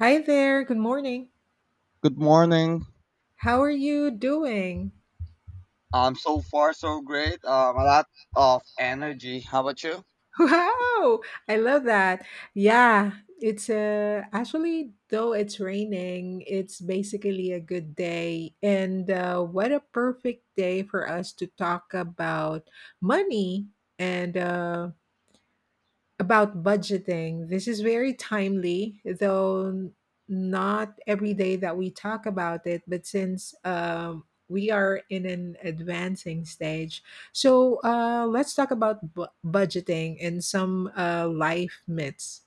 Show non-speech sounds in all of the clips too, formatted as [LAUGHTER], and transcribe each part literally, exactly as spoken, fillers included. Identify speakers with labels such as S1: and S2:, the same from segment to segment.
S1: Hi there, good morning.
S2: Good morning.
S1: How are you doing? [LAUGHS]
S2: Um, so far so great. Um, a lot of energy. How about you?
S1: Wow, I love that. Yeah, it's uh, actually, though it's raining, it's basically a good day. And uh, what a perfect day for us to talk about money and uh, about budgeting. This is very timely, though not every day that we talk about it, but since um, we are in an advancing stage. So uh, let's talk about bu- budgeting and some uh, life myths.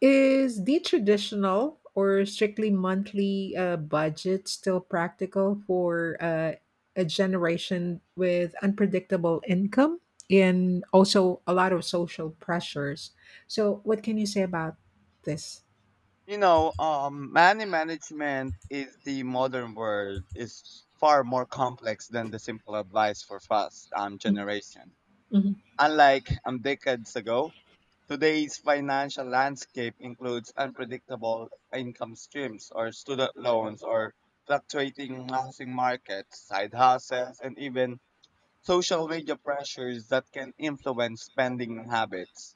S1: Is the traditional or strictly monthly uh, budget still practical for uh, a generation with unpredictable income and also a lot of social pressures? So, what can you say about this?
S2: You know, um, money management is the modern world is far more complex than the simple advice for fast um generation.
S1: Mm-hmm.
S2: Unlike um decades ago, today's financial landscape includes unpredictable income streams or student loans or fluctuating housing markets, side hustles, and even social media pressures that can influence spending habits.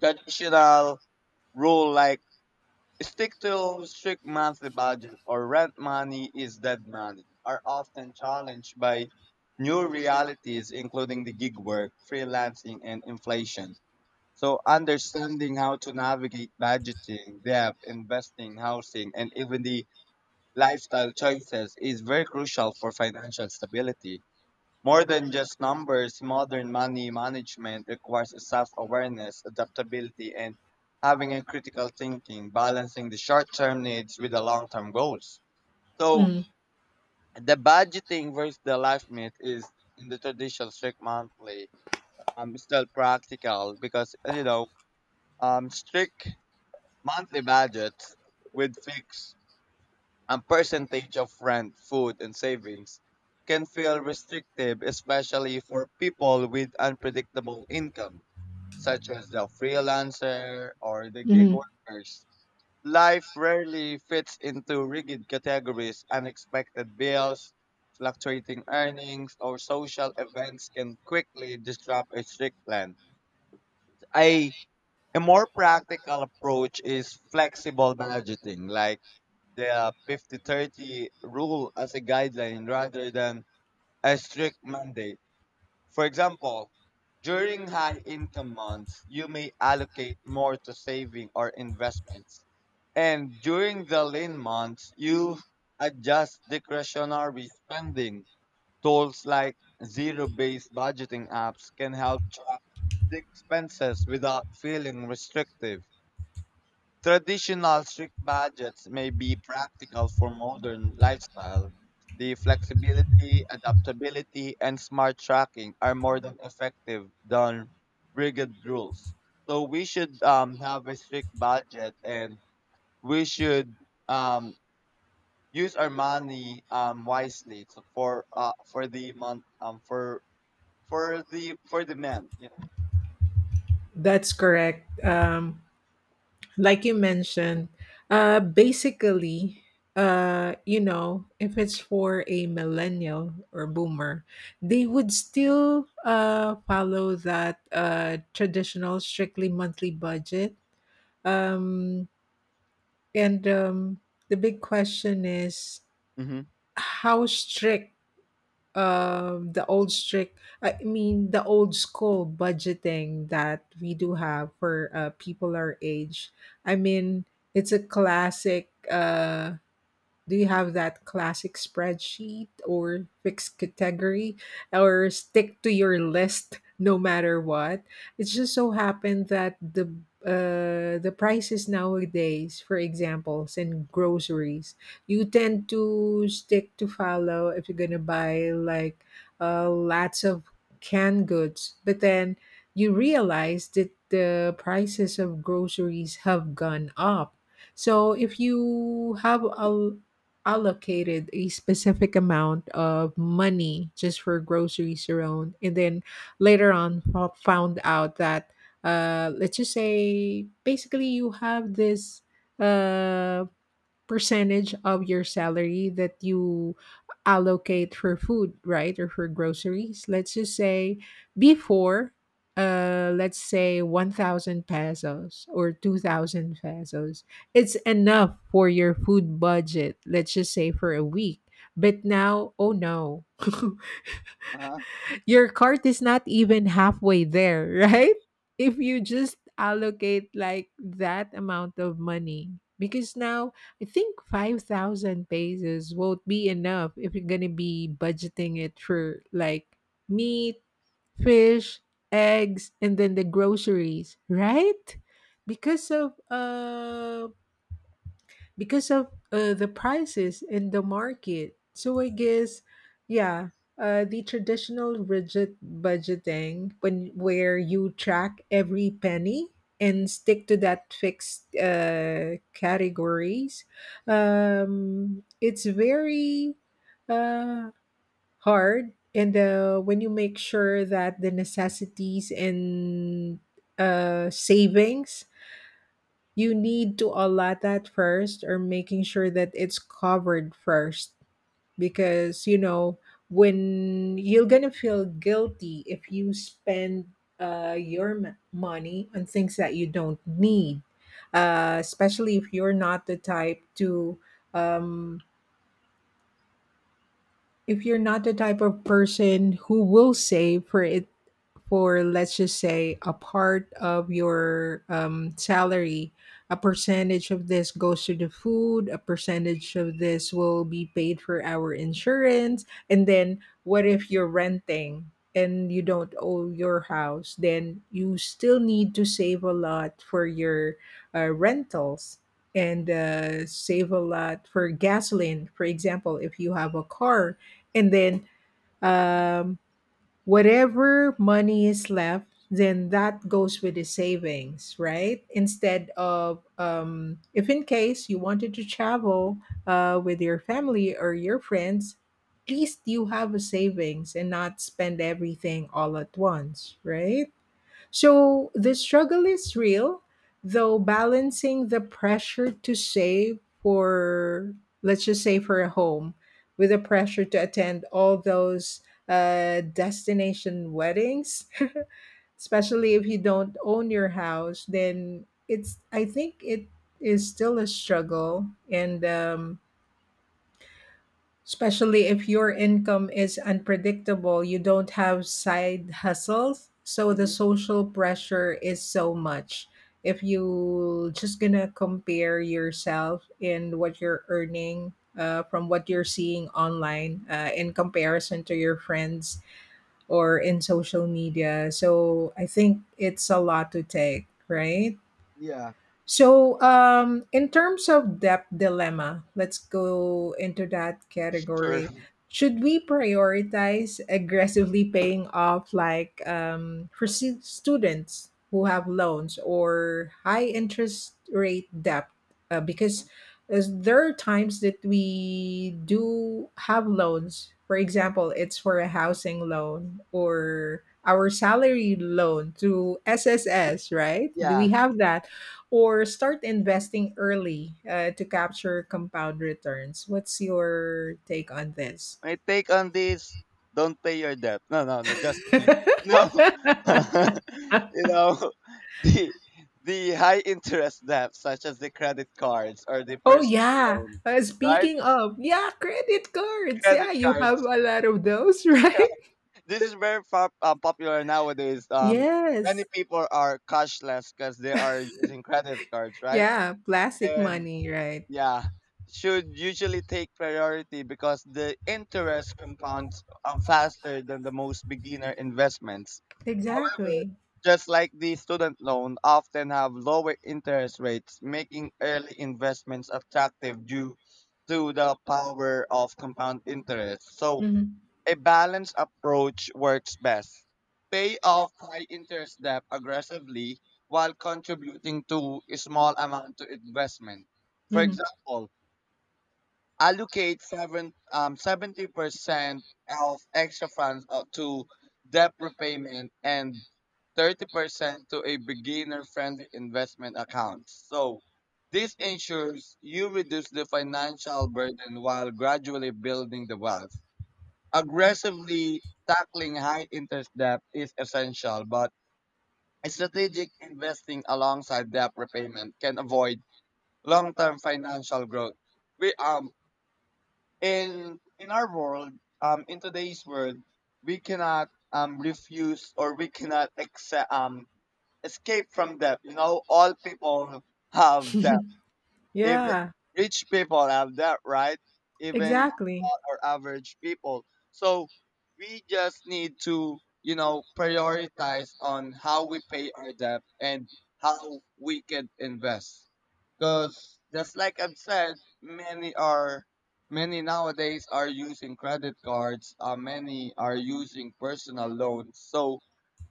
S2: Traditional rule like stick to strict monthly budget or rent money is dead money are often challenged by new realities including the gig work, freelancing and inflation. So understanding how to navigate budgeting, debt, investing, housing and even the lifestyle choices is very crucial for financial stability. More than just numbers, modern money management requires self-awareness, adaptability, and having a critical thinking, balancing the short-term needs with the long-term goals. So the budgeting versus the life myth is in the traditional strict monthly. Um, it's still practical because uh, you know, um, strict monthly budgets with fixed and percentage of rent, food, and savings can feel restrictive, especially for people with unpredictable income, such as the freelancer or the gig
S1: hmm
S2: workers. Life rarely fits into rigid categories. Unexpected bills, fluctuating earnings, or social events can quickly disrupt a strict plan. A, a more practical approach is flexible budgeting, like the fifty thirty rule as a guideline rather than a strict mandate. For example, during high income months, you may allocate more to saving or investments. And during the lean months, you adjust discretionary spending. Tools like zero-based budgeting apps can help track the expenses without feeling restrictive. Traditional strict budgets may be practical for modern lifestyle. The flexibility, adaptability, and smart tracking are more than effective than rigid rules. So we should um, have a strict budget and we should um, use our money um, wisely so for uh, for the month um, for for the for the men. Yeah.
S1: That's correct. Um, like you mentioned, uh, basically, uh, you know, if it's for a millennial or boomer, they would still uh, follow that uh, traditional, strictly monthly budget. Um, and um, The big question is
S2: Mm-hmm.
S1: how strict um the old strict I mean the old school budgeting that we do have for uh, people our age. i mean it's a classic. Uh do you have that classic spreadsheet or fixed category, or stick to your list no matter what? It just so happened that the uh, the prices nowadays, for examples, in groceries, you tend to stick to follow if you're gonna buy like uh, lots of canned goods, but then you realize that the prices of groceries have gone up. So if you have a allocated a specific amount of money just for groceries alone, and then later on fo- found out that uh, let's just say basically you have this uh, percentage of your salary that you allocate for food, right? Or for groceries. Let's just say before, uh, let's say one thousand pesos or two thousand pesos. It's enough for your food budget, let's just say for a week. But now, oh no. [LAUGHS]
S2: Uh-huh.
S1: Your cart is not even halfway there, [LAUGHS] right? If you just allocate like that amount of money. Because now I think five thousand pesos won't be enough if you're going to be budgeting it for like meat, fish, eggs, and then the groceries, right? Because of um because of uh, the prices in the market. So I guess, yeah, uh, the traditional rigid budgeting when where you track every penny and stick to that fixed uh, categories, um, it's very uh, hard. And uh, when you make sure that the necessities and uh, savings, you need to allot that first, or making sure that it's covered first, because you know when you're gonna feel guilty if you spend uh, your m- money on things that you don't need, uh, especially if you're not the type to, um, if you're not the type of person who will save for it, for let's just say a part of your um, salary. A percentage of this goes to the food, a percentage of this will be paid for our insurance. And then what if you're renting and you don't own your house? Then you still need to save a lot for your uh, rentals, and uh, save a lot for gasoline, for example if you have a car. And then um, whatever money is left, then that goes with the savings, right? Instead of, um, if in case you wanted to travel uh, with your family or your friends, at least you have a savings and not spend everything all at once, right? So the struggle is real, though, balancing the pressure to save for, let's just say, for a home, with the pressure to attend all those uh, destination weddings, [LAUGHS] especially if you don't own your house. Then it's, I think it is still a struggle. And um, especially if your income is unpredictable, you don't have side hustles, so the
S2: Mm-hmm.
S1: social pressure is so much. If you just gonna compare yourself in what you're earning uh, from what you're seeing online uh, in comparison to your friends or in social media. So I think it's a lot to take, right?
S2: Yeah.
S1: So, um, in terms of debt dilemma, let's go into that
S2: Sure.
S1: category. Should we prioritize aggressively paying off, like um, for stu- students who have loans or high interest rate debt? Uh, because as there are times that we do have loans. For example, it's for a housing loan or our salary loan through S S S, right? Do we
S2: Yeah.
S1: have that? Or start investing early uh, to capture compound returns. What's your take on this?
S2: My take on this: don't pay your debt. No, no, no. Just kidding.
S1: [LAUGHS]
S2: No, [LAUGHS] you know the the high interest debt, such as the credit cards or the
S1: Oh
S2: personal
S1: yeah,
S2: loans,
S1: uh,
S2: right?
S1: speaking of, yeah, credit cards. Yeah,
S2: Credit
S1: you have
S2: cards.
S1: a lot of those, [LAUGHS] right?
S2: This is very pop, uh, popular nowadays. Um, many
S1: Yes.
S2: people are cashless because they are using credit cards, right?
S1: Yeah, plastic
S2: And
S1: money, right?
S2: yeah, should usually take priority because the interest compounds um, faster than the most beginner investments. However,
S1: Exactly.
S2: just like the student loan, often have lower interest rates, making early investments attractive due to the power of compound interest. So,
S1: hmm
S2: a balanced approach works best. Pay off high interest debt aggressively while contributing to a small amount to investment. For
S1: hmm
S2: example, allocate seven um seventy percent of extra funds uh, to debt repayment and thirty percent to a beginner-friendly investment account. So this ensures you reduce the financial burden while gradually building the wealth. Aggressively tackling high interest debt is essential, but strategic investing alongside debt repayment can avoid long-term financial growth. We um in in our world um in today's world we cannot um refuse or we cannot accept um escape from debt, you know, all people have debt, even
S1: Yeah,
S2: rich people have that, right? Even
S1: exactly.
S2: or average people. So we just need to, you know, prioritize on how we pay our debt and how we can invest because just like I've said, many are many nowadays are using credit cards, uh, many are using personal loans. So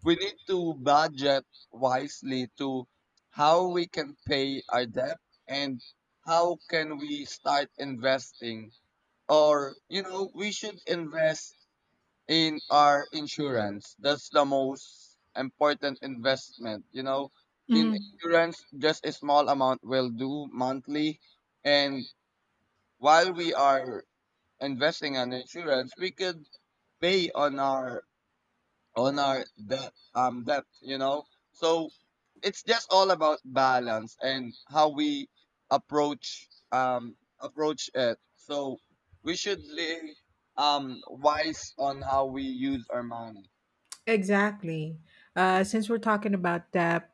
S2: we need to budget wisely to how we can pay our debt and how can we start investing? Or, you know, we should invest in our insurance. That's the most important investment, you know. In
S1: Mhm.
S2: insurance, just a small amount will do monthly. And while we are investing on insurance, we could pay on our on our depth, um, depth, you know. So it's just all about balance and how we approach um approach it. So we should be um wise on how we use our money.
S1: Exactly. Uh, since we're talking about that,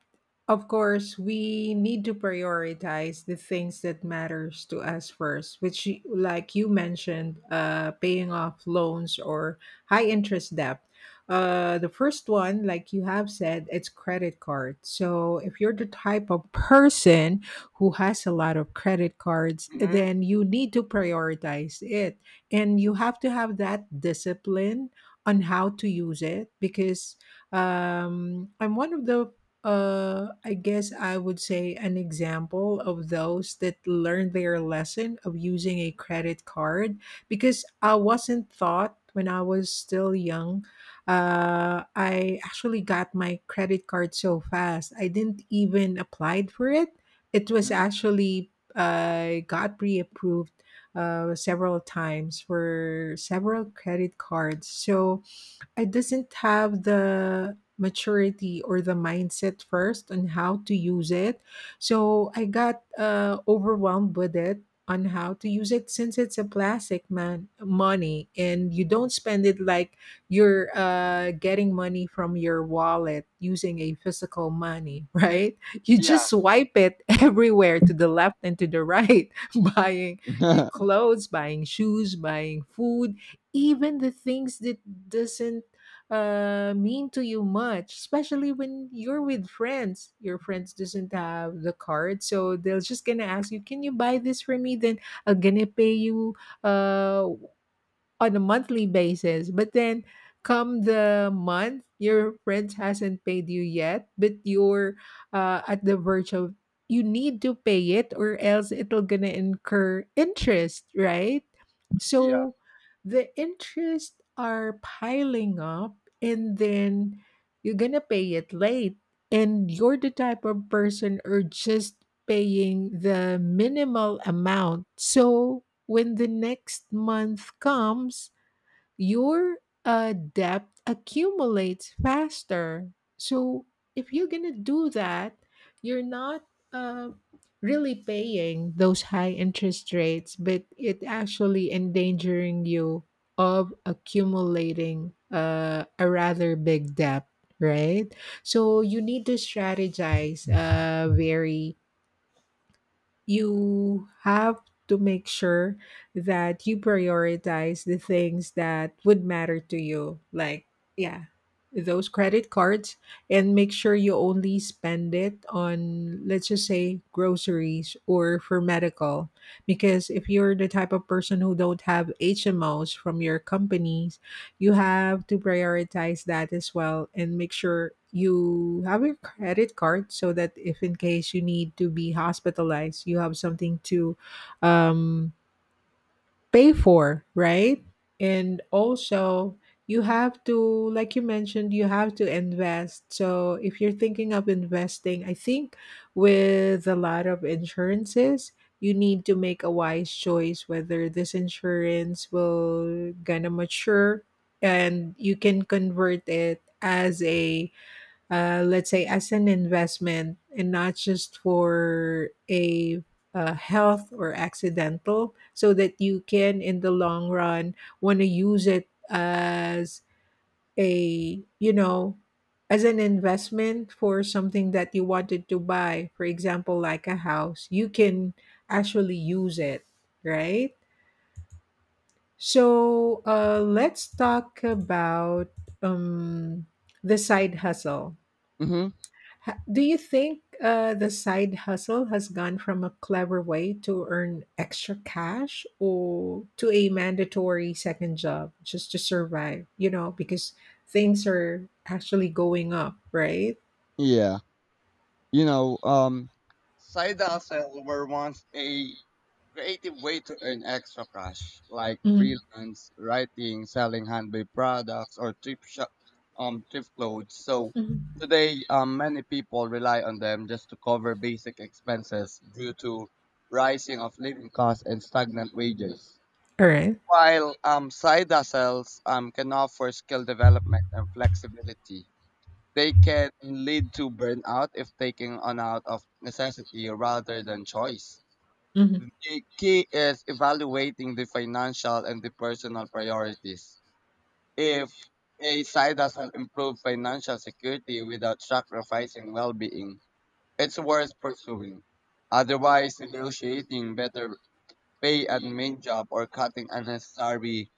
S1: of course, we need to prioritize the things that matters to us first, which, y- like you mentioned, uh, paying off loans or high interest debt. Uh, the first one, like you have said, it's credit card. So if you're the type of person who has a lot of credit cards,
S2: Mm-hmm.
S1: then you need to prioritize it, and you have to have that discipline on how to use it, because um, I'm one of the, uh, I guess I would say, an example of those that learned their lesson of using a credit card because I wasn't taught when I was still young. Uh, I actually got my credit card so fast, I didn't even applied for it. It was actually uh, got pre-approved uh, several times for several credit cards. So I doesn't have the maturity or the mindset first on how to use it. So I got uh, overwhelmed with it on how to use it, since it's a plastic man money and you don't spend it like you're uh, getting money from your wallet using a physical money, [LAUGHS] right? You just
S2: Yeah,
S1: swipe it [LAUGHS] everywhere, to the left and to the right, [LAUGHS] buying your
S2: [LAUGHS]
S1: clothes, buying shoes, buying food, even the things that doesn't uh, mean to you much, especially when you're with friends. Your friends doesn't have the card, so they'll just gonna ask you, "Can you buy this for me? Then I'm gonna pay you uh on a monthly basis." But then come the month, your friends hasn't paid you yet, but you're uh, at the verge of you need to pay it or else it'll gonna incur interest, right?
S2: yeah.
S1: So the interest are piling up, and then you're gonna pay it late, and you're the type of person or just paying the minimal amount. So when the next month comes, your uh, debt accumulates faster. So if you're gonna do that, you're not uh, really paying those high interest rates, but it actually endangering you of accumulating uh, a rather big debt, right? So you need to strategize uh, very, you have to make sure that you prioritize the things that would matter to you, like yeah, those credit cards, and make sure you only spend it on, let's just say, groceries or for medical, because if you're the type of person who don't have H M Os from your company, you have to prioritize that as well, and make sure you have your credit card so that if in case you need to be hospitalized, you have something to um pay for, right? And also, you have to, like you mentioned, you have to invest. So, if you're thinking of investing, I think with a lot of insurances, you need to make a wise choice whether this insurance will gonna mature and you can convert it as a, uh, let's say as an investment and not just for a uh, health or accidental, so that you can in the long run want to use it as a, you know, as an investment for something that you wanted to buy, for example like a house, you can actually use it, right? So uh, let's talk about um, the side hustle.
S2: Mm-hmm.
S1: Ha- Do you think uh, the side hustle has gone from a clever way to earn extra cash or to a mandatory second job just to survive? You know, because things are actually going up, right?
S2: Yeah. You know, um, Side hustles were once a creative way to earn extra cash, like
S1: Mhm.
S2: freelance writing, selling handmade products, or thrift shop, um, thrift clothes. So
S1: Mhm.
S2: today, um, many people rely on them just to cover basic expenses due to rising of living costs and stagnant wages.
S1: All right.
S2: While um, side hustles um, can offer skill development and flexibility. They can lead to burnout if taken on out of necessity rather than choice.
S1: Mhm.
S2: The key is evaluating the financial and the personal priorities. If a side hustle improves financial security without sacrificing well-being, it's worth pursuing. Otherwise, negotiating better pay and main job or cutting unnecessary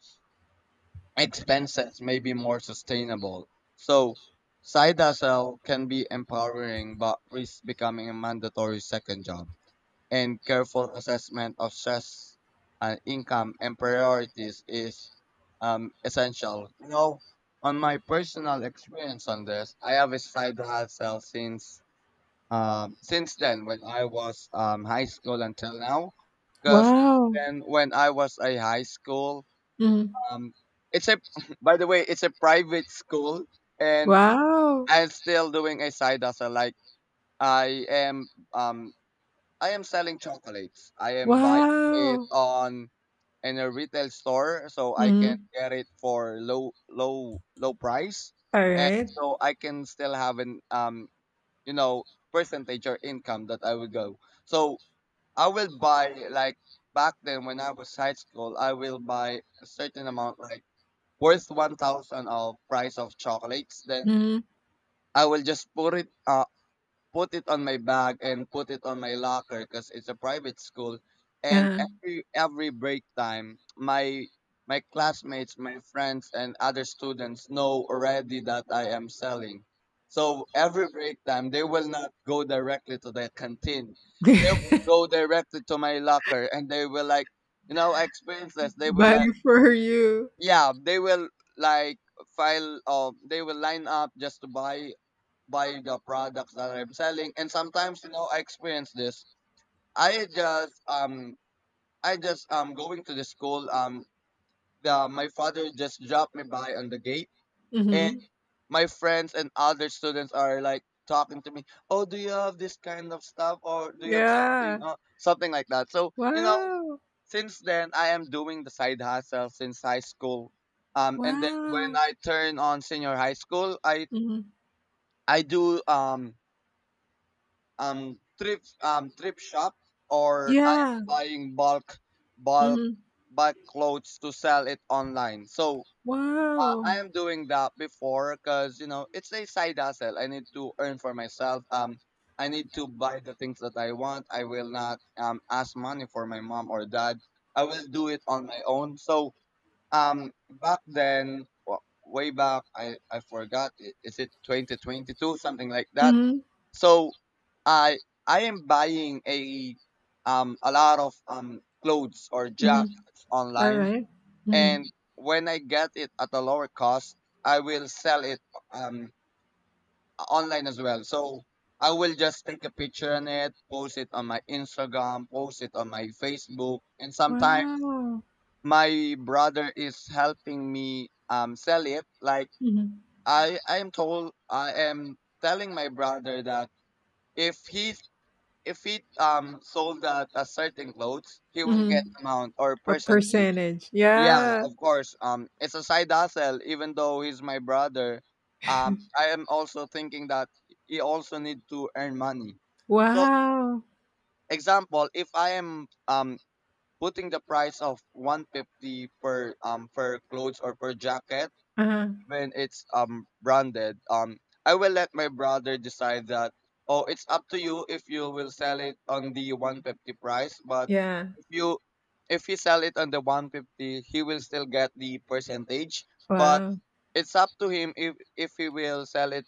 S2: expenses may be more sustainable. So side hustle can be empowering but risks becoming a mandatory second job. And careful assessment of stress and income and priorities is um, essential. You know, on my personal experience on this, I have a side hustle since um, since then when I was um, high school until now. Because
S1: Wow.
S2: then when I was a high school,
S1: Mhm.
S2: um, it's a [LAUGHS] by the way, it's a private school, and
S1: Wow.
S2: I'm still doing a side hustle. Like I am, um, I am selling chocolates. I am buying it
S1: Wow.
S2: on in a retail store, so I can
S1: Mhm.
S2: get it for low, low, low price,
S1: All
S2: and
S1: right.
S2: so I can still have an um, you know, percentage or income that I will go. So I will buy like back then when I was high school, I will buy a certain amount, like worth one thousand of price of chocolates, then
S1: Mhm.
S2: I will just put it uh put it on my bag and put it on my locker because it's a private school. And
S1: Uh,
S2: every every break time, my my classmates, my friends, and other students know already that I am selling. So every break time, they will not go directly to the canteen. They will
S1: [LAUGHS]
S2: go directly to my locker, and they will like, you know, I experienced this. They will
S1: bye
S2: like
S1: for you.
S2: yeah they will like file Um, they will line up just to buy buy the products that I'm selling. And sometimes, you know, I experience this. i just um I just um going to the school, um the my father just dropped me by on the gate, and
S1: Mhm.
S2: my friends and other students are like talking to me, oh do you have this kind of stuff or do you have something
S1: Yeah.
S2: uh, something like that, so you know,
S1: Wow.
S2: since then, I am doing the side hustle since high school. Um, and then when
S1: Wow.
S2: I turn on senior high school, I
S1: Mhm.
S2: I do um um trip um trip shop or I am
S1: Yeah.
S2: buying bulk bulk
S1: Mhm.
S2: bulk clothes to sell it online. So uh,
S1: Wow.
S2: I am doing that before because you know it's a side hustle. I need to earn for myself. Um, I need to buy the things that I want. I will not um ask money for my mom or dad. I will do it on my own. So um, back then, wa- way back, I I forgot. i- Is it twenty twenty-two, something like that?
S1: Mhm.
S2: So, I I am buying a um a lot of um clothes or
S1: Mhm.
S2: jackets online,
S1: Alright. Mhm.
S2: and when I get it at a lower cost, I will sell it um online as well. So. I will just take a picture on it, post it on my Instagram, post it on my Facebook, and sometimes
S1: Wow.
S2: my brother is helping me um sell it like
S1: Mhm.
S2: i i am told I am telling my brother that if he if he um sold that a certain clothes, he will get
S1: Mhm.
S2: amount or
S1: A
S2: percentage,
S1: percentage.
S2: yeah,
S1: Yeah.
S2: of course, um it's a side hustle, even though he's my brother, um I am also thinking that he also need to earn money. So
S1: Wow.
S2: example, if I am um putting the price of one hundred fifty per um per clothes or per jacket
S1: Uh-huh.
S2: when it's um branded, um I will let my brother decide that, oh it's up to you if you will sell it on the one hundred fifty price, but
S1: Yeah.
S2: if you if he sell it on the one hundred fifty he will still get the percentage, but
S1: Wow.
S2: it's up to him if if he will sell it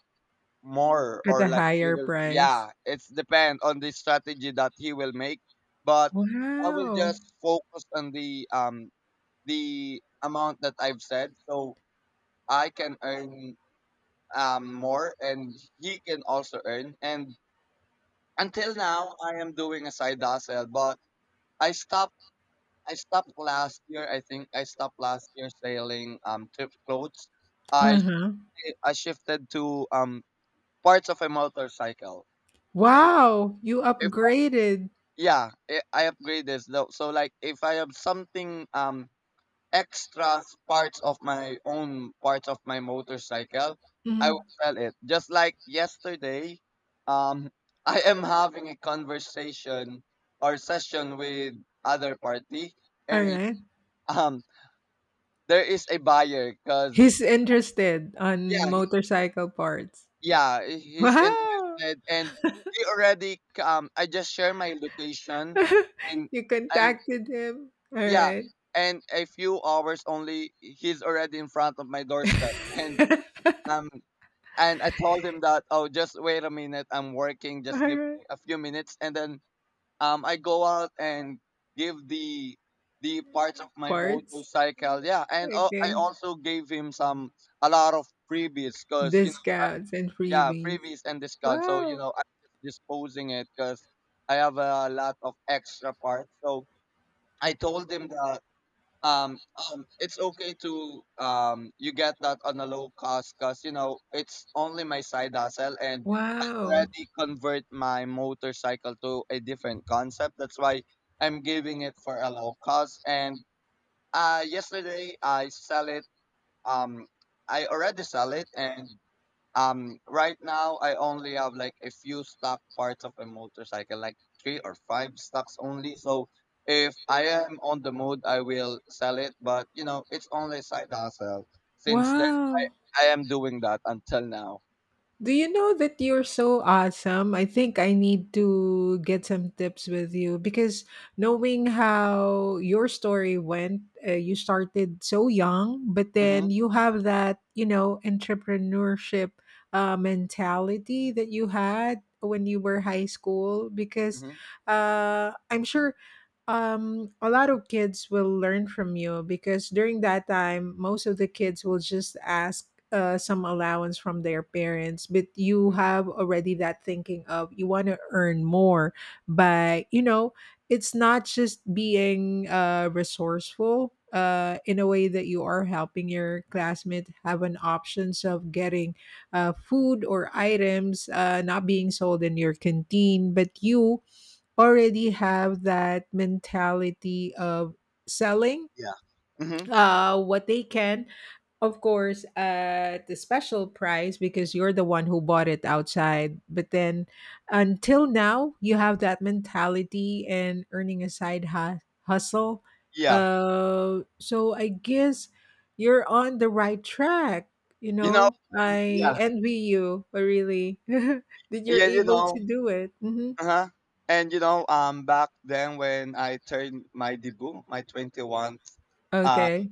S2: more,
S1: At
S2: or
S1: a
S2: like he
S1: higher
S2: will,
S1: price.
S2: yeah, it's depend on the strategy that he will make. But I will
S1: Wow.
S2: just focus on the um the amount that I've said, so I can earn um more and he can also earn. And until now, I am doing a side hustle, but i stopped I stopped last year, I think I stopped last year selling um trip clothes. i
S1: Uh-huh.
S2: I shifted to um parts of a motorcycle. So
S1: Wow. You upgraded.
S2: yeah, i I upgrade this though, so like if I have something um extra parts of my own parts of my motorcycle, I will
S1: Mhm.
S2: sell it. Just like yesterday, um [LAUGHS] I am having a conversation or session with other party, and
S1: Alright.
S2: um there is a buyer because
S1: He's interested on
S2: yeah he,
S1: motorcycle parts.
S2: yeah he- he's
S1: Wow.
S2: interested, and he already um I just share my location, and
S1: [LAUGHS] You
S2: and
S1: contacted him. All
S2: yeah,
S1: right.
S2: and a few hours Only, he's already in front of my doorstep, and
S1: [LAUGHS]
S2: um, and I told him that, oh, just wait a minute, I'm working, just give me
S1: Alright.
S2: a few minutes, and then um, I go out and give the the parts of my
S1: Parts?
S2: motorcycle, yeah, and uh, I
S1: Okay.
S2: also gave him some a lot of freebies, cause you know, I,
S1: Discounts and
S2: yeah,
S1: freebies.
S2: freebies and discount, so you
S1: Wow.
S2: know, I'm just disposing it, cause I have a lot of extra parts. So I told him that um, um it's okay to um you get that on a low cost, because you know it's only my side hustle, and
S1: Wow.
S2: already convert my motorcycle to a different concept. That's why I'm giving it for a low cost. And uh yesterday I sell it, um I already sell it. And um, right now I only have like a few stock parts of a motorcycle, like three or five stocks only. So if I am on the mood, I will sell it. But you know, it's only a side hustle. Since then,
S1: Wow.
S2: I I am doing that until now.
S1: Do you know that you're so awesome? I think I need to get some tips with you because knowing how your story went, uh, you started so young, but then
S2: Mhm.
S1: you have that, you know, entrepreneurship uh, mentality that you had when you were high school because
S2: Mhm.
S1: uh, I'm sure um a lot of kids will learn from you because during that time most of the kids will just ask uh, some allowance from their parents, but you
S2: Mhm.
S1: have already that thinking of you want to earn more. But you know, it's not just being uh, resourceful uh, in a way that you are helping your classmate have an options of getting uh, food or items uh, not being sold in your canteen, but you already have that mentality of selling
S2: Yeah. Mhm.
S1: uh what they can, of course at the special price because you're the one who bought it outside, but then until now you have that mentality and earning a side hu- hustle.
S2: Yeah.
S1: Uh so I guess you're on the right track. You
S2: You know.
S1: know,
S2: um,
S1: I
S2: Yeah.
S1: envy you, uh, really, [LAUGHS] that you're
S2: Yeah. You
S1: able
S2: know.
S1: to do it. Hmm
S2: Uh huh. And you know, um, back then when I turned my debut, my twenty one,
S1: okay.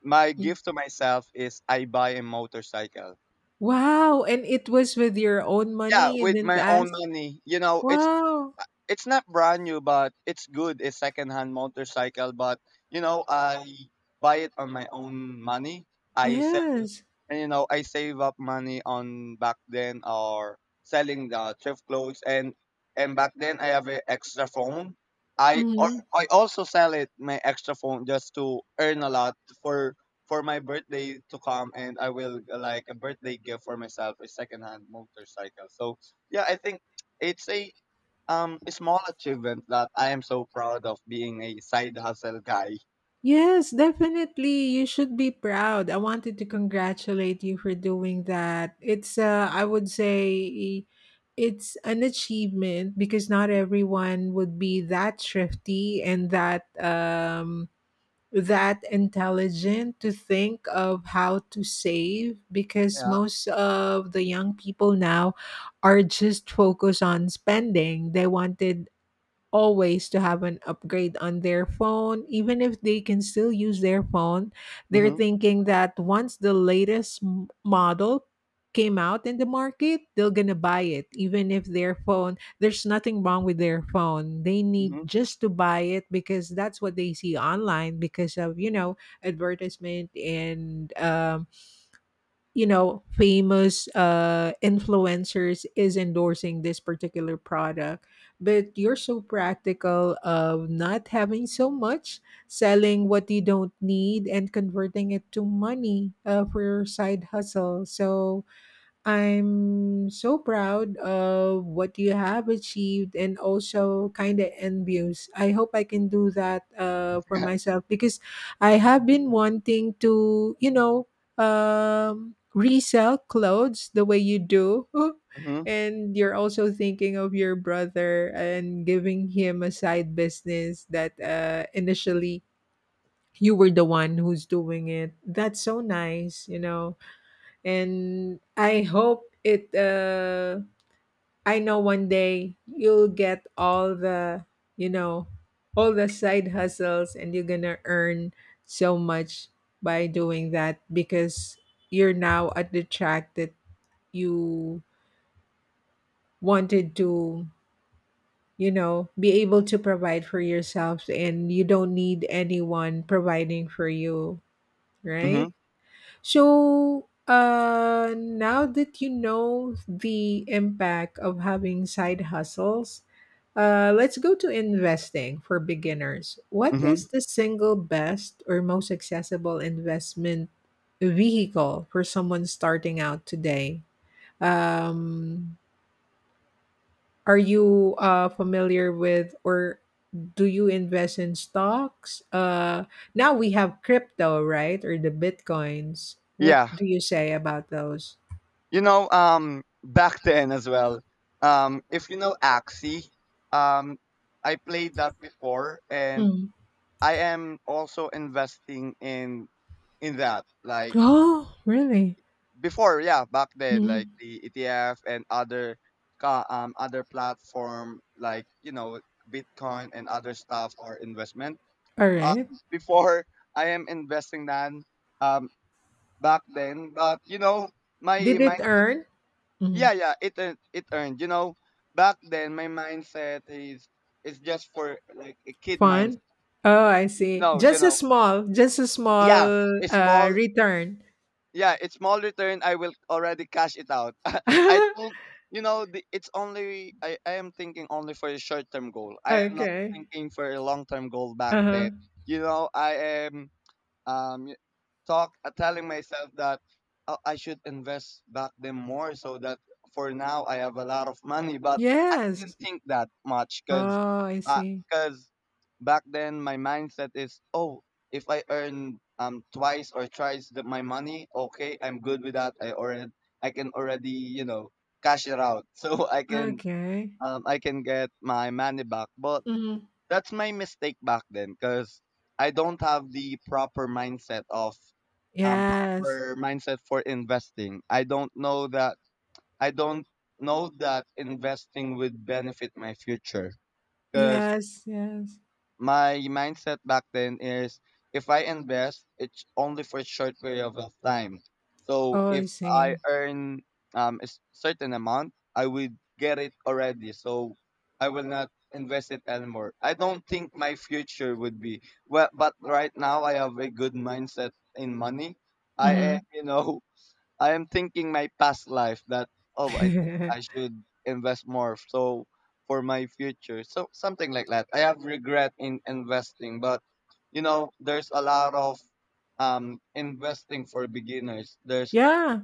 S2: my gift to myself is I buy a motorcycle.
S1: Wow, and it was with your own
S2: Yeah,
S1: money? You
S2: with
S1: didn't
S2: my own
S1: ask?
S2: money. You know, it's
S1: Wow.
S2: it's not brand new, but it's good. A secondhand motorcycle, but you know, I buy it on my own money. I sell.
S1: Yes.
S2: And you know, I save up money on back then or selling the thrift clothes. And and back then I have an extra phone. I al-
S1: Mhm.
S2: I also sell it my extra phone just to earn a lot for for my birthday to come, and I will uh, like a birthday gift for myself a secondhand motorcycle. So yeah, I think it's a um a small achievement that I am so proud of, being a side hustle guy.
S1: Yes, definitely. You should be proud. I wanted to congratulate you for doing that. It's uh I would say it's an achievement because not everyone would be that thrifty and that um that intelligent to think of how to save, because
S2: Yeah.
S1: most of the young people now are just focused on spending. They wanted always to have an upgrade on their phone even if they can still use their phone. They're
S2: Mm-hmm.
S1: thinking that once the latest m- model came out in the market, they're going to buy it even if their phone, there's nothing wrong with their phone, they need
S2: Mm-hmm.
S1: just to buy it because that's what they see online because of you know advertisement and um you know famous uh influencers is endorsing this particular product. But you're so practical of not having so much, selling what you don't need and converting it to money, uh, for your side hustle. So I'm so proud of what you have achieved and also kind of envious. I hope I can do that uh, for
S2: [LAUGHS]
S1: myself, because I have been wanting to, you know, um, resell clothes the way you do. [LAUGHS]
S2: Mm-hmm.
S1: And you're also thinking of your brother and giving him a side business that uh, initially you were the one who's doing it. That's so nice, you know. And I hope it. Uh, I know one day you'll get all the, you know, all the side hustles, and you're gonna earn so much by doing that, because you're now at the track that you wanted to, you know, be able to provide for yourself, and you don't need anyone providing for you,
S2: Mm-hmm.
S1: right? So, uh, now that you know the impact of having side hustles, uh, let's go to investing for beginners. What
S2: Hmm.
S1: is
S2: [LAUGHS]
S1: the single best or most accessible investment vehicle for someone starting out today? Um, are you uh, familiar with, or do you invest in stocks? Uh, now we have crypto, right? Or the bitcoins. What
S2: Yeah.
S1: do you say about those?
S2: You know, um, back then as well. Um, if you know Axie, um, I played that before, and
S1: Mm.
S2: I am also investing in in that. Like
S1: Oh, really?
S2: before, yeah, back then, like
S1: Mm.
S2: the E T F and other ca- um other platform like you know Bitcoin and other stuff or investment.
S1: All
S2: Uh,
S1: right.
S2: Before I am investing that um back then, but you know my
S1: Did it
S2: mindset.
S1: earn Mm.
S2: Yeah, yeah, it earned, it earned. You know, back then my mindset is is just for like a kid
S1: fun?
S2: mindset.
S1: Oh, I see.
S2: No, you
S1: Just a
S2: know,
S1: small, just a
S2: yeah,
S1: small
S2: a
S1: uh
S2: small,
S1: return.
S2: yeah, it's small return. I will already cash it out. [LAUGHS] I
S1: [LAUGHS]
S2: don't, you know, the, it's only I, I am thinking only for a short term goal. I am not
S1: Okay.
S2: thinking for a long term goal back
S1: Uh-huh.
S2: then. You know, I am um talk uh, telling myself that uh, I should invest back then more, so that for now I have a lot of money, but I didn't
S1: Yes.
S2: think that much cuz
S1: Oh, I see.
S2: cuz back then my mindset is, oh, if I earn um twice or thrice the, my money, okay, I'm good with that. I already I can already, you know, cash it out, [LAUGHS] so I can
S1: Okay.
S2: um I can get my money back. But
S1: Mm.
S2: that's my mistake back then, because I don't have the proper mindset of um
S1: Yes.
S2: proper mindset for investing. I don't know that I don't know that investing would benefit my future, because
S1: Yes, yes.
S2: my mindset back then is if I invest, it's only for a short period of of time. So
S1: Oh, I
S2: if I
S1: see.
S2: earn um, a s- certain amount, I would get it already. So I will not invest it anymore. I don't think my future would be well, but right now I have a good mindset in money. I, uh,
S1: Mhm.
S2: you know, I am thinking my past life that, oh, I think I
S1: [LAUGHS]
S2: should invest more, so for my future. So something like that. I have regret in investing, but you know, there's a lot of um investing for beginners. There's
S1: Yeah,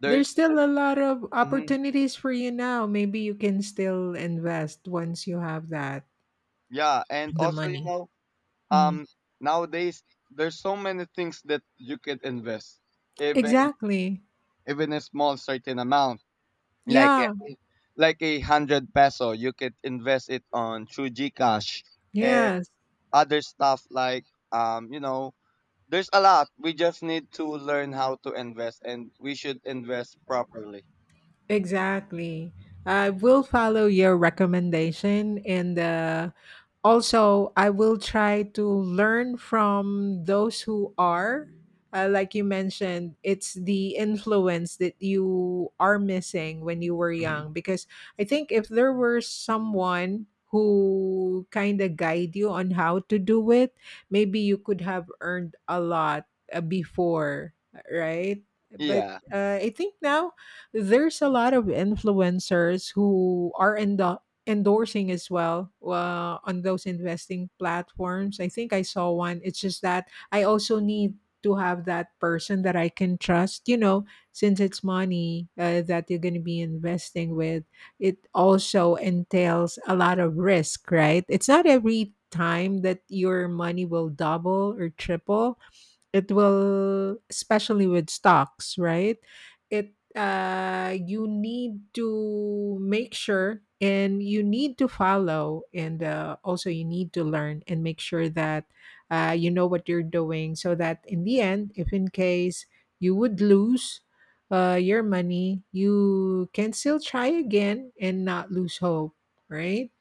S2: there's
S1: there's still a lot of
S2: mm
S1: opportunities for you now. Maybe you can still invest once you have that
S2: Yeah, and
S1: the
S2: also you
S1: money.
S2: know
S1: Mm.
S2: um nowadays there's so many things that you could invest, even
S1: Exactly.
S2: even a small certain amount, like a,
S1: Yeah.
S2: like a hundred peso. You could invest it on through gcash and
S1: Yes.
S2: other stuff, like um you know, there's a lot. We just need to learn how to invest, and we should invest properly.
S1: Exactly. I will follow your recommendation, and uh, also I will try to learn from those who are uh, like you mentioned, it's the influence that you are missing when you were young, because I think if there were someone who kind of guide you on how to do it, maybe you could have earned a lot uh, before, right? But
S2: Yeah.
S1: uh, I think now there's a lot of influencers who are in the endorsing as well uh, on those investing platforms. I think I saw one. It's just that I also need to have that person that I can trust, you know, since it's money uh, that you're going to be investing with. It also entails a lot of risk, right? It's not every time that your money will double or triple. It will, especially with stocks, right? It uh you need to make sure, and you need to follow, and uh, also you need to learn and make sure that uh, you know what you're doing so that in the end, if in case you would lose uh, your money, you can still try again and not lose hope, right?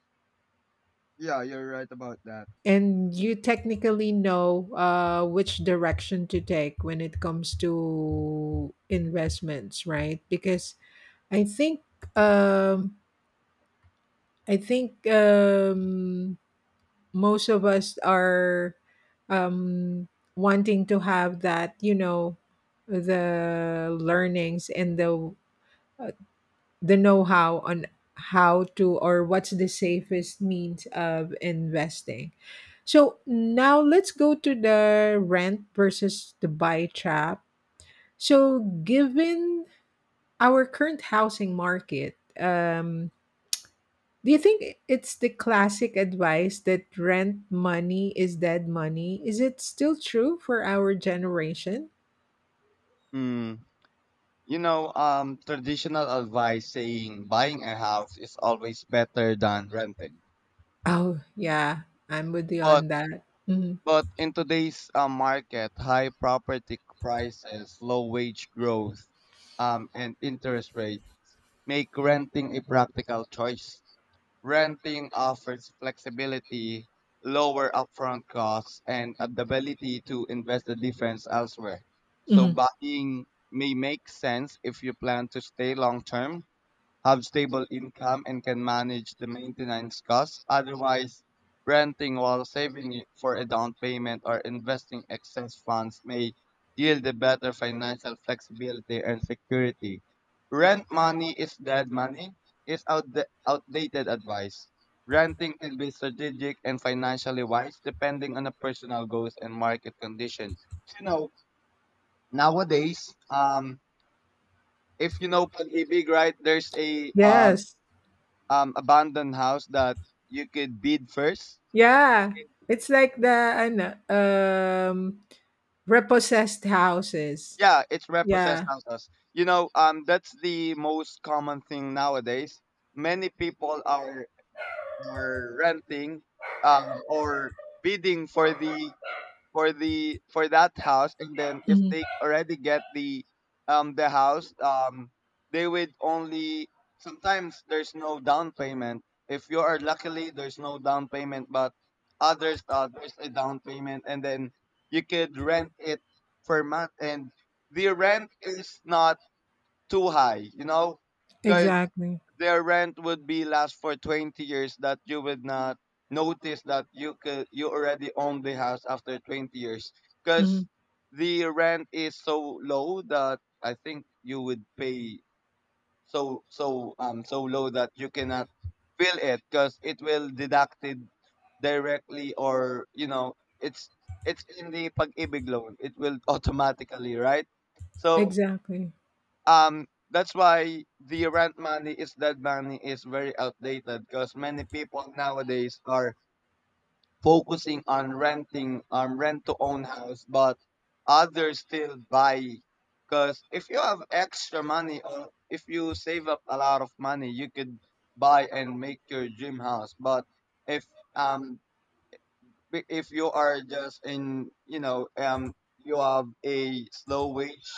S2: Yeah, you're right about that.
S1: And you technically know uh, which direction to take when it comes to investments, right? Because I think um, I think um, most of us are um, wanting to have that, you know, the learnings and the uh, the know-how on how to or what's the safest means of investing. So now let's go to the rent versus the buy trap. So given our current housing market, um, do you think it's the classic advice that rent money is dead money? Is it still true for our generation?
S2: Mm. You know, um, traditional advice saying buying a house is always better than renting,
S1: Oh yeah, I'm with you
S2: but.
S1: on that. Mhm.
S2: But in today's uh, market, high property prices, low wage growth, um, and interest rate make renting a practical choice. Renting offers flexibility, lower upfront costs, and the ability to invest the difference elsewhere. So
S1: Mhm.
S2: buying may make sense if you plan to stay long term, have stable income, and can manage the maintenance costs. Otherwise, renting while saving it for a down payment or investing excess funds may yield a better financial flexibility and security. Rent money is dead money is outda- outdated advice. Renting can be strategic and financially wise, depending on the personal goals and market condition. You know, nowadays, um, if you know pag-ibig, right, there's a uh,
S1: Yes.
S2: um abandoned house that you could bid first.
S1: Yeah. It's like the ano, um repossessed houses.
S2: Yeah, it's repossessed
S1: Yeah.
S2: houses. You know, um, that's the most common thing nowadays. Many people are are renting um or bidding for the for the for that house, and then if
S1: Mhm.
S2: they already get the um the house um they would only sometimes there's no down payment. If you are luckily, there's no down payment, but others uh, there's a down payment, and then you could rent it per month, and the rent is not too high, you know, because
S1: Exactly.
S2: their rent would be last for twenty years, that you would not notice that you could you already own the house after twenty years, because
S1: Mhm.
S2: the rent is so low that I think you would pay so so um so low that you cannot feel it, because it will deducted directly, or you know, it's it's in the pag-ibig loan, it will automatically, right? So
S1: Exactly.
S2: um that's why the rent money is dead money is very outdated, because many people nowadays are focusing on renting um rent to own house, but others still buy, because if you have extra money or if you save up a lot of money, you could buy and make your dream house. But if um i- if you are just in, you know um, you have a slow wage,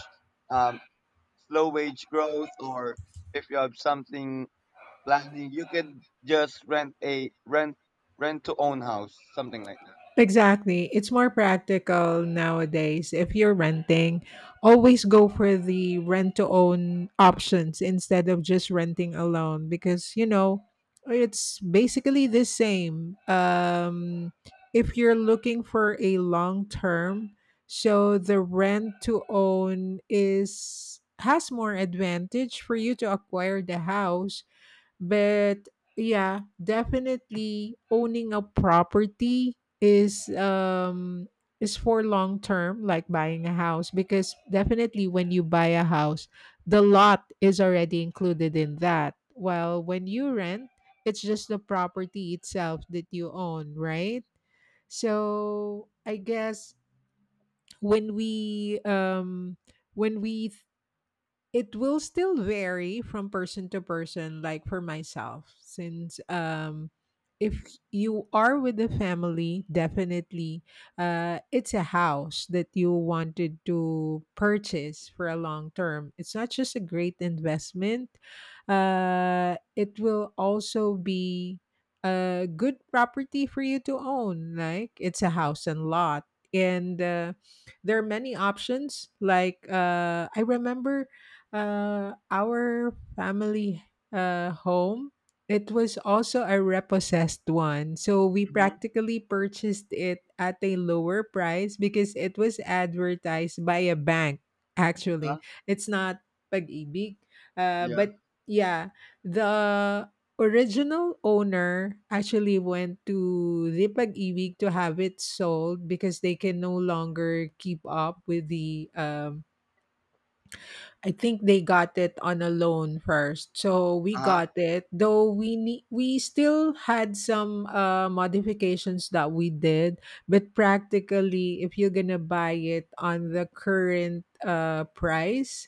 S2: um slow wage growth, or if you have something landing, you could just rent a rent rent to own house, something like that.
S1: Exactly. It's more practical nowadays. If you're renting, always go for the rent to own options instead of just renting alone, because, you know, it's basically the same. Um, if you're looking for a long term, so the rent to own is has more advantage for you to acquire the house. But yeah, definitely owning a property is um is for long term, like buying a house, because definitely when you buy a house, the lot is already included in that. While when you rent, it's just the property itself that you own, right? So I guess when we um when we it will still vary from person to person, like for myself, since um, if you are with the family, definitely uh, it's a house that you wanted to purchase for a long term. It's not just a great investment, uh, it will also be a good property for you to own. Like it's a house and lot. And uh, there are many options. Like uh, I remember uh, our family uh, home, it was also a repossessed one, so we
S2: Mm-hmm.
S1: practically purchased it at a lower price because it was advertised by a bank. Actually,
S2: Uh-huh.
S1: it's not pag-ibig, uh,
S2: Yeah.
S1: but yeah, the original owner actually went to the pag-ibig to have it sold because they can no longer keep up with the um, I think they got it on a loan first. So we
S2: Uh huh.
S1: got it, though we ne- we still had some uh, modifications that we did, but practically if you're going to buy it on the current uh, price,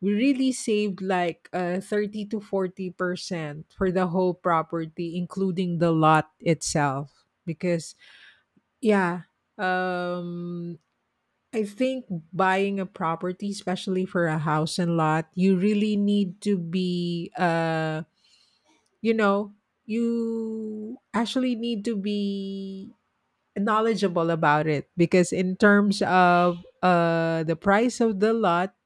S1: we really saved like uh, thirty to forty percent for the whole property including the lot itself, because yeah, um I think buying a property, especially for a house and lot, you really need to be, uh, you know, you actually need to be knowledgeable about it, because in terms of uh, the price of the lot,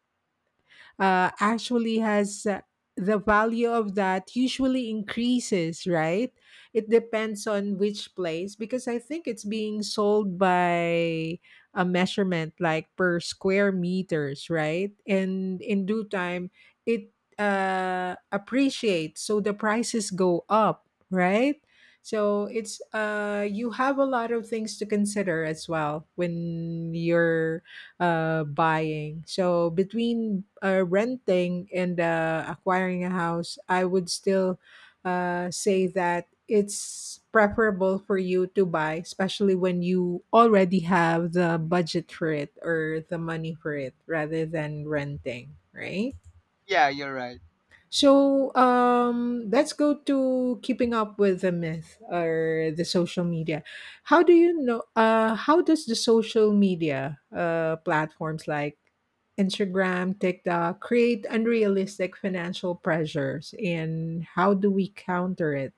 S1: uh, actually has uh, the value of that usually increases, right? It depends on which place, because I think it's being sold by a measurement like per square meters, right? And in due time, it uh, appreciates, so the prices go up, right? So it's uh you have a lot of things to consider as well when you're uh, buying. So between uh, renting and uh, acquiring a house, I would still uh, say that it's preferable for you to buy, especially when you already have the budget for it or the money for it, rather than renting, right?
S2: Yeah, you're right.
S1: So um, let's go to keeping up with the myth or the social media. How do you know? Uh, how does the social media uh, platforms like Instagram, TikTok create unrealistic financial pressures, and how do we counter it?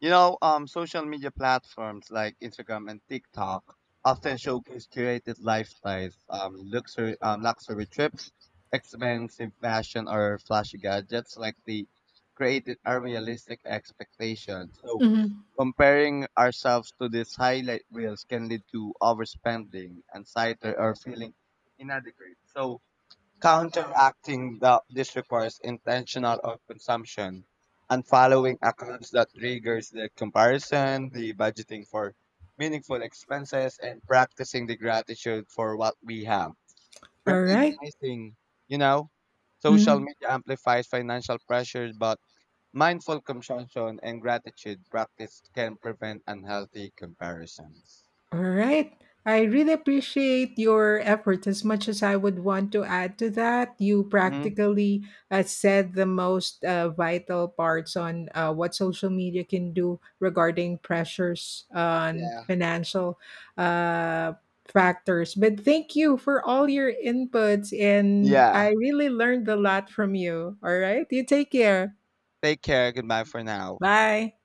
S2: You know, um, social media platforms like Instagram and TikTok often showcase curated lifestyles, um, luxury, um, luxury trips, expensive fashion, or flashy gadgets, like the created unrealistic expectations. So,
S1: Mhm.
S2: comparing ourselves to these highlight reels can lead to overspending, anxiety, or feeling inadequate. So, counteracting the, this requires intentional of consumption and following accounts that triggers the comparison, the budgeting for meaningful expenses, and practicing the gratitude for what we have.
S1: All right.
S2: Recognizing, you know, social media amplifies financial pressures, but mindful consumption and gratitude practice can prevent unhealthy comparisons.
S1: All right. I really appreciate your effort, as much as I would want to add to that. You
S2: Mhm.
S1: practically uh, said the most uh, vital parts on uh, what social media can do regarding pressures on
S2: Yeah.
S1: financial uh, factors. But thank you for all your inputs, and I
S2: Yeah.
S1: really learned a lot from you. All right. You take care.
S2: Take care. Goodbye for now.
S1: Bye.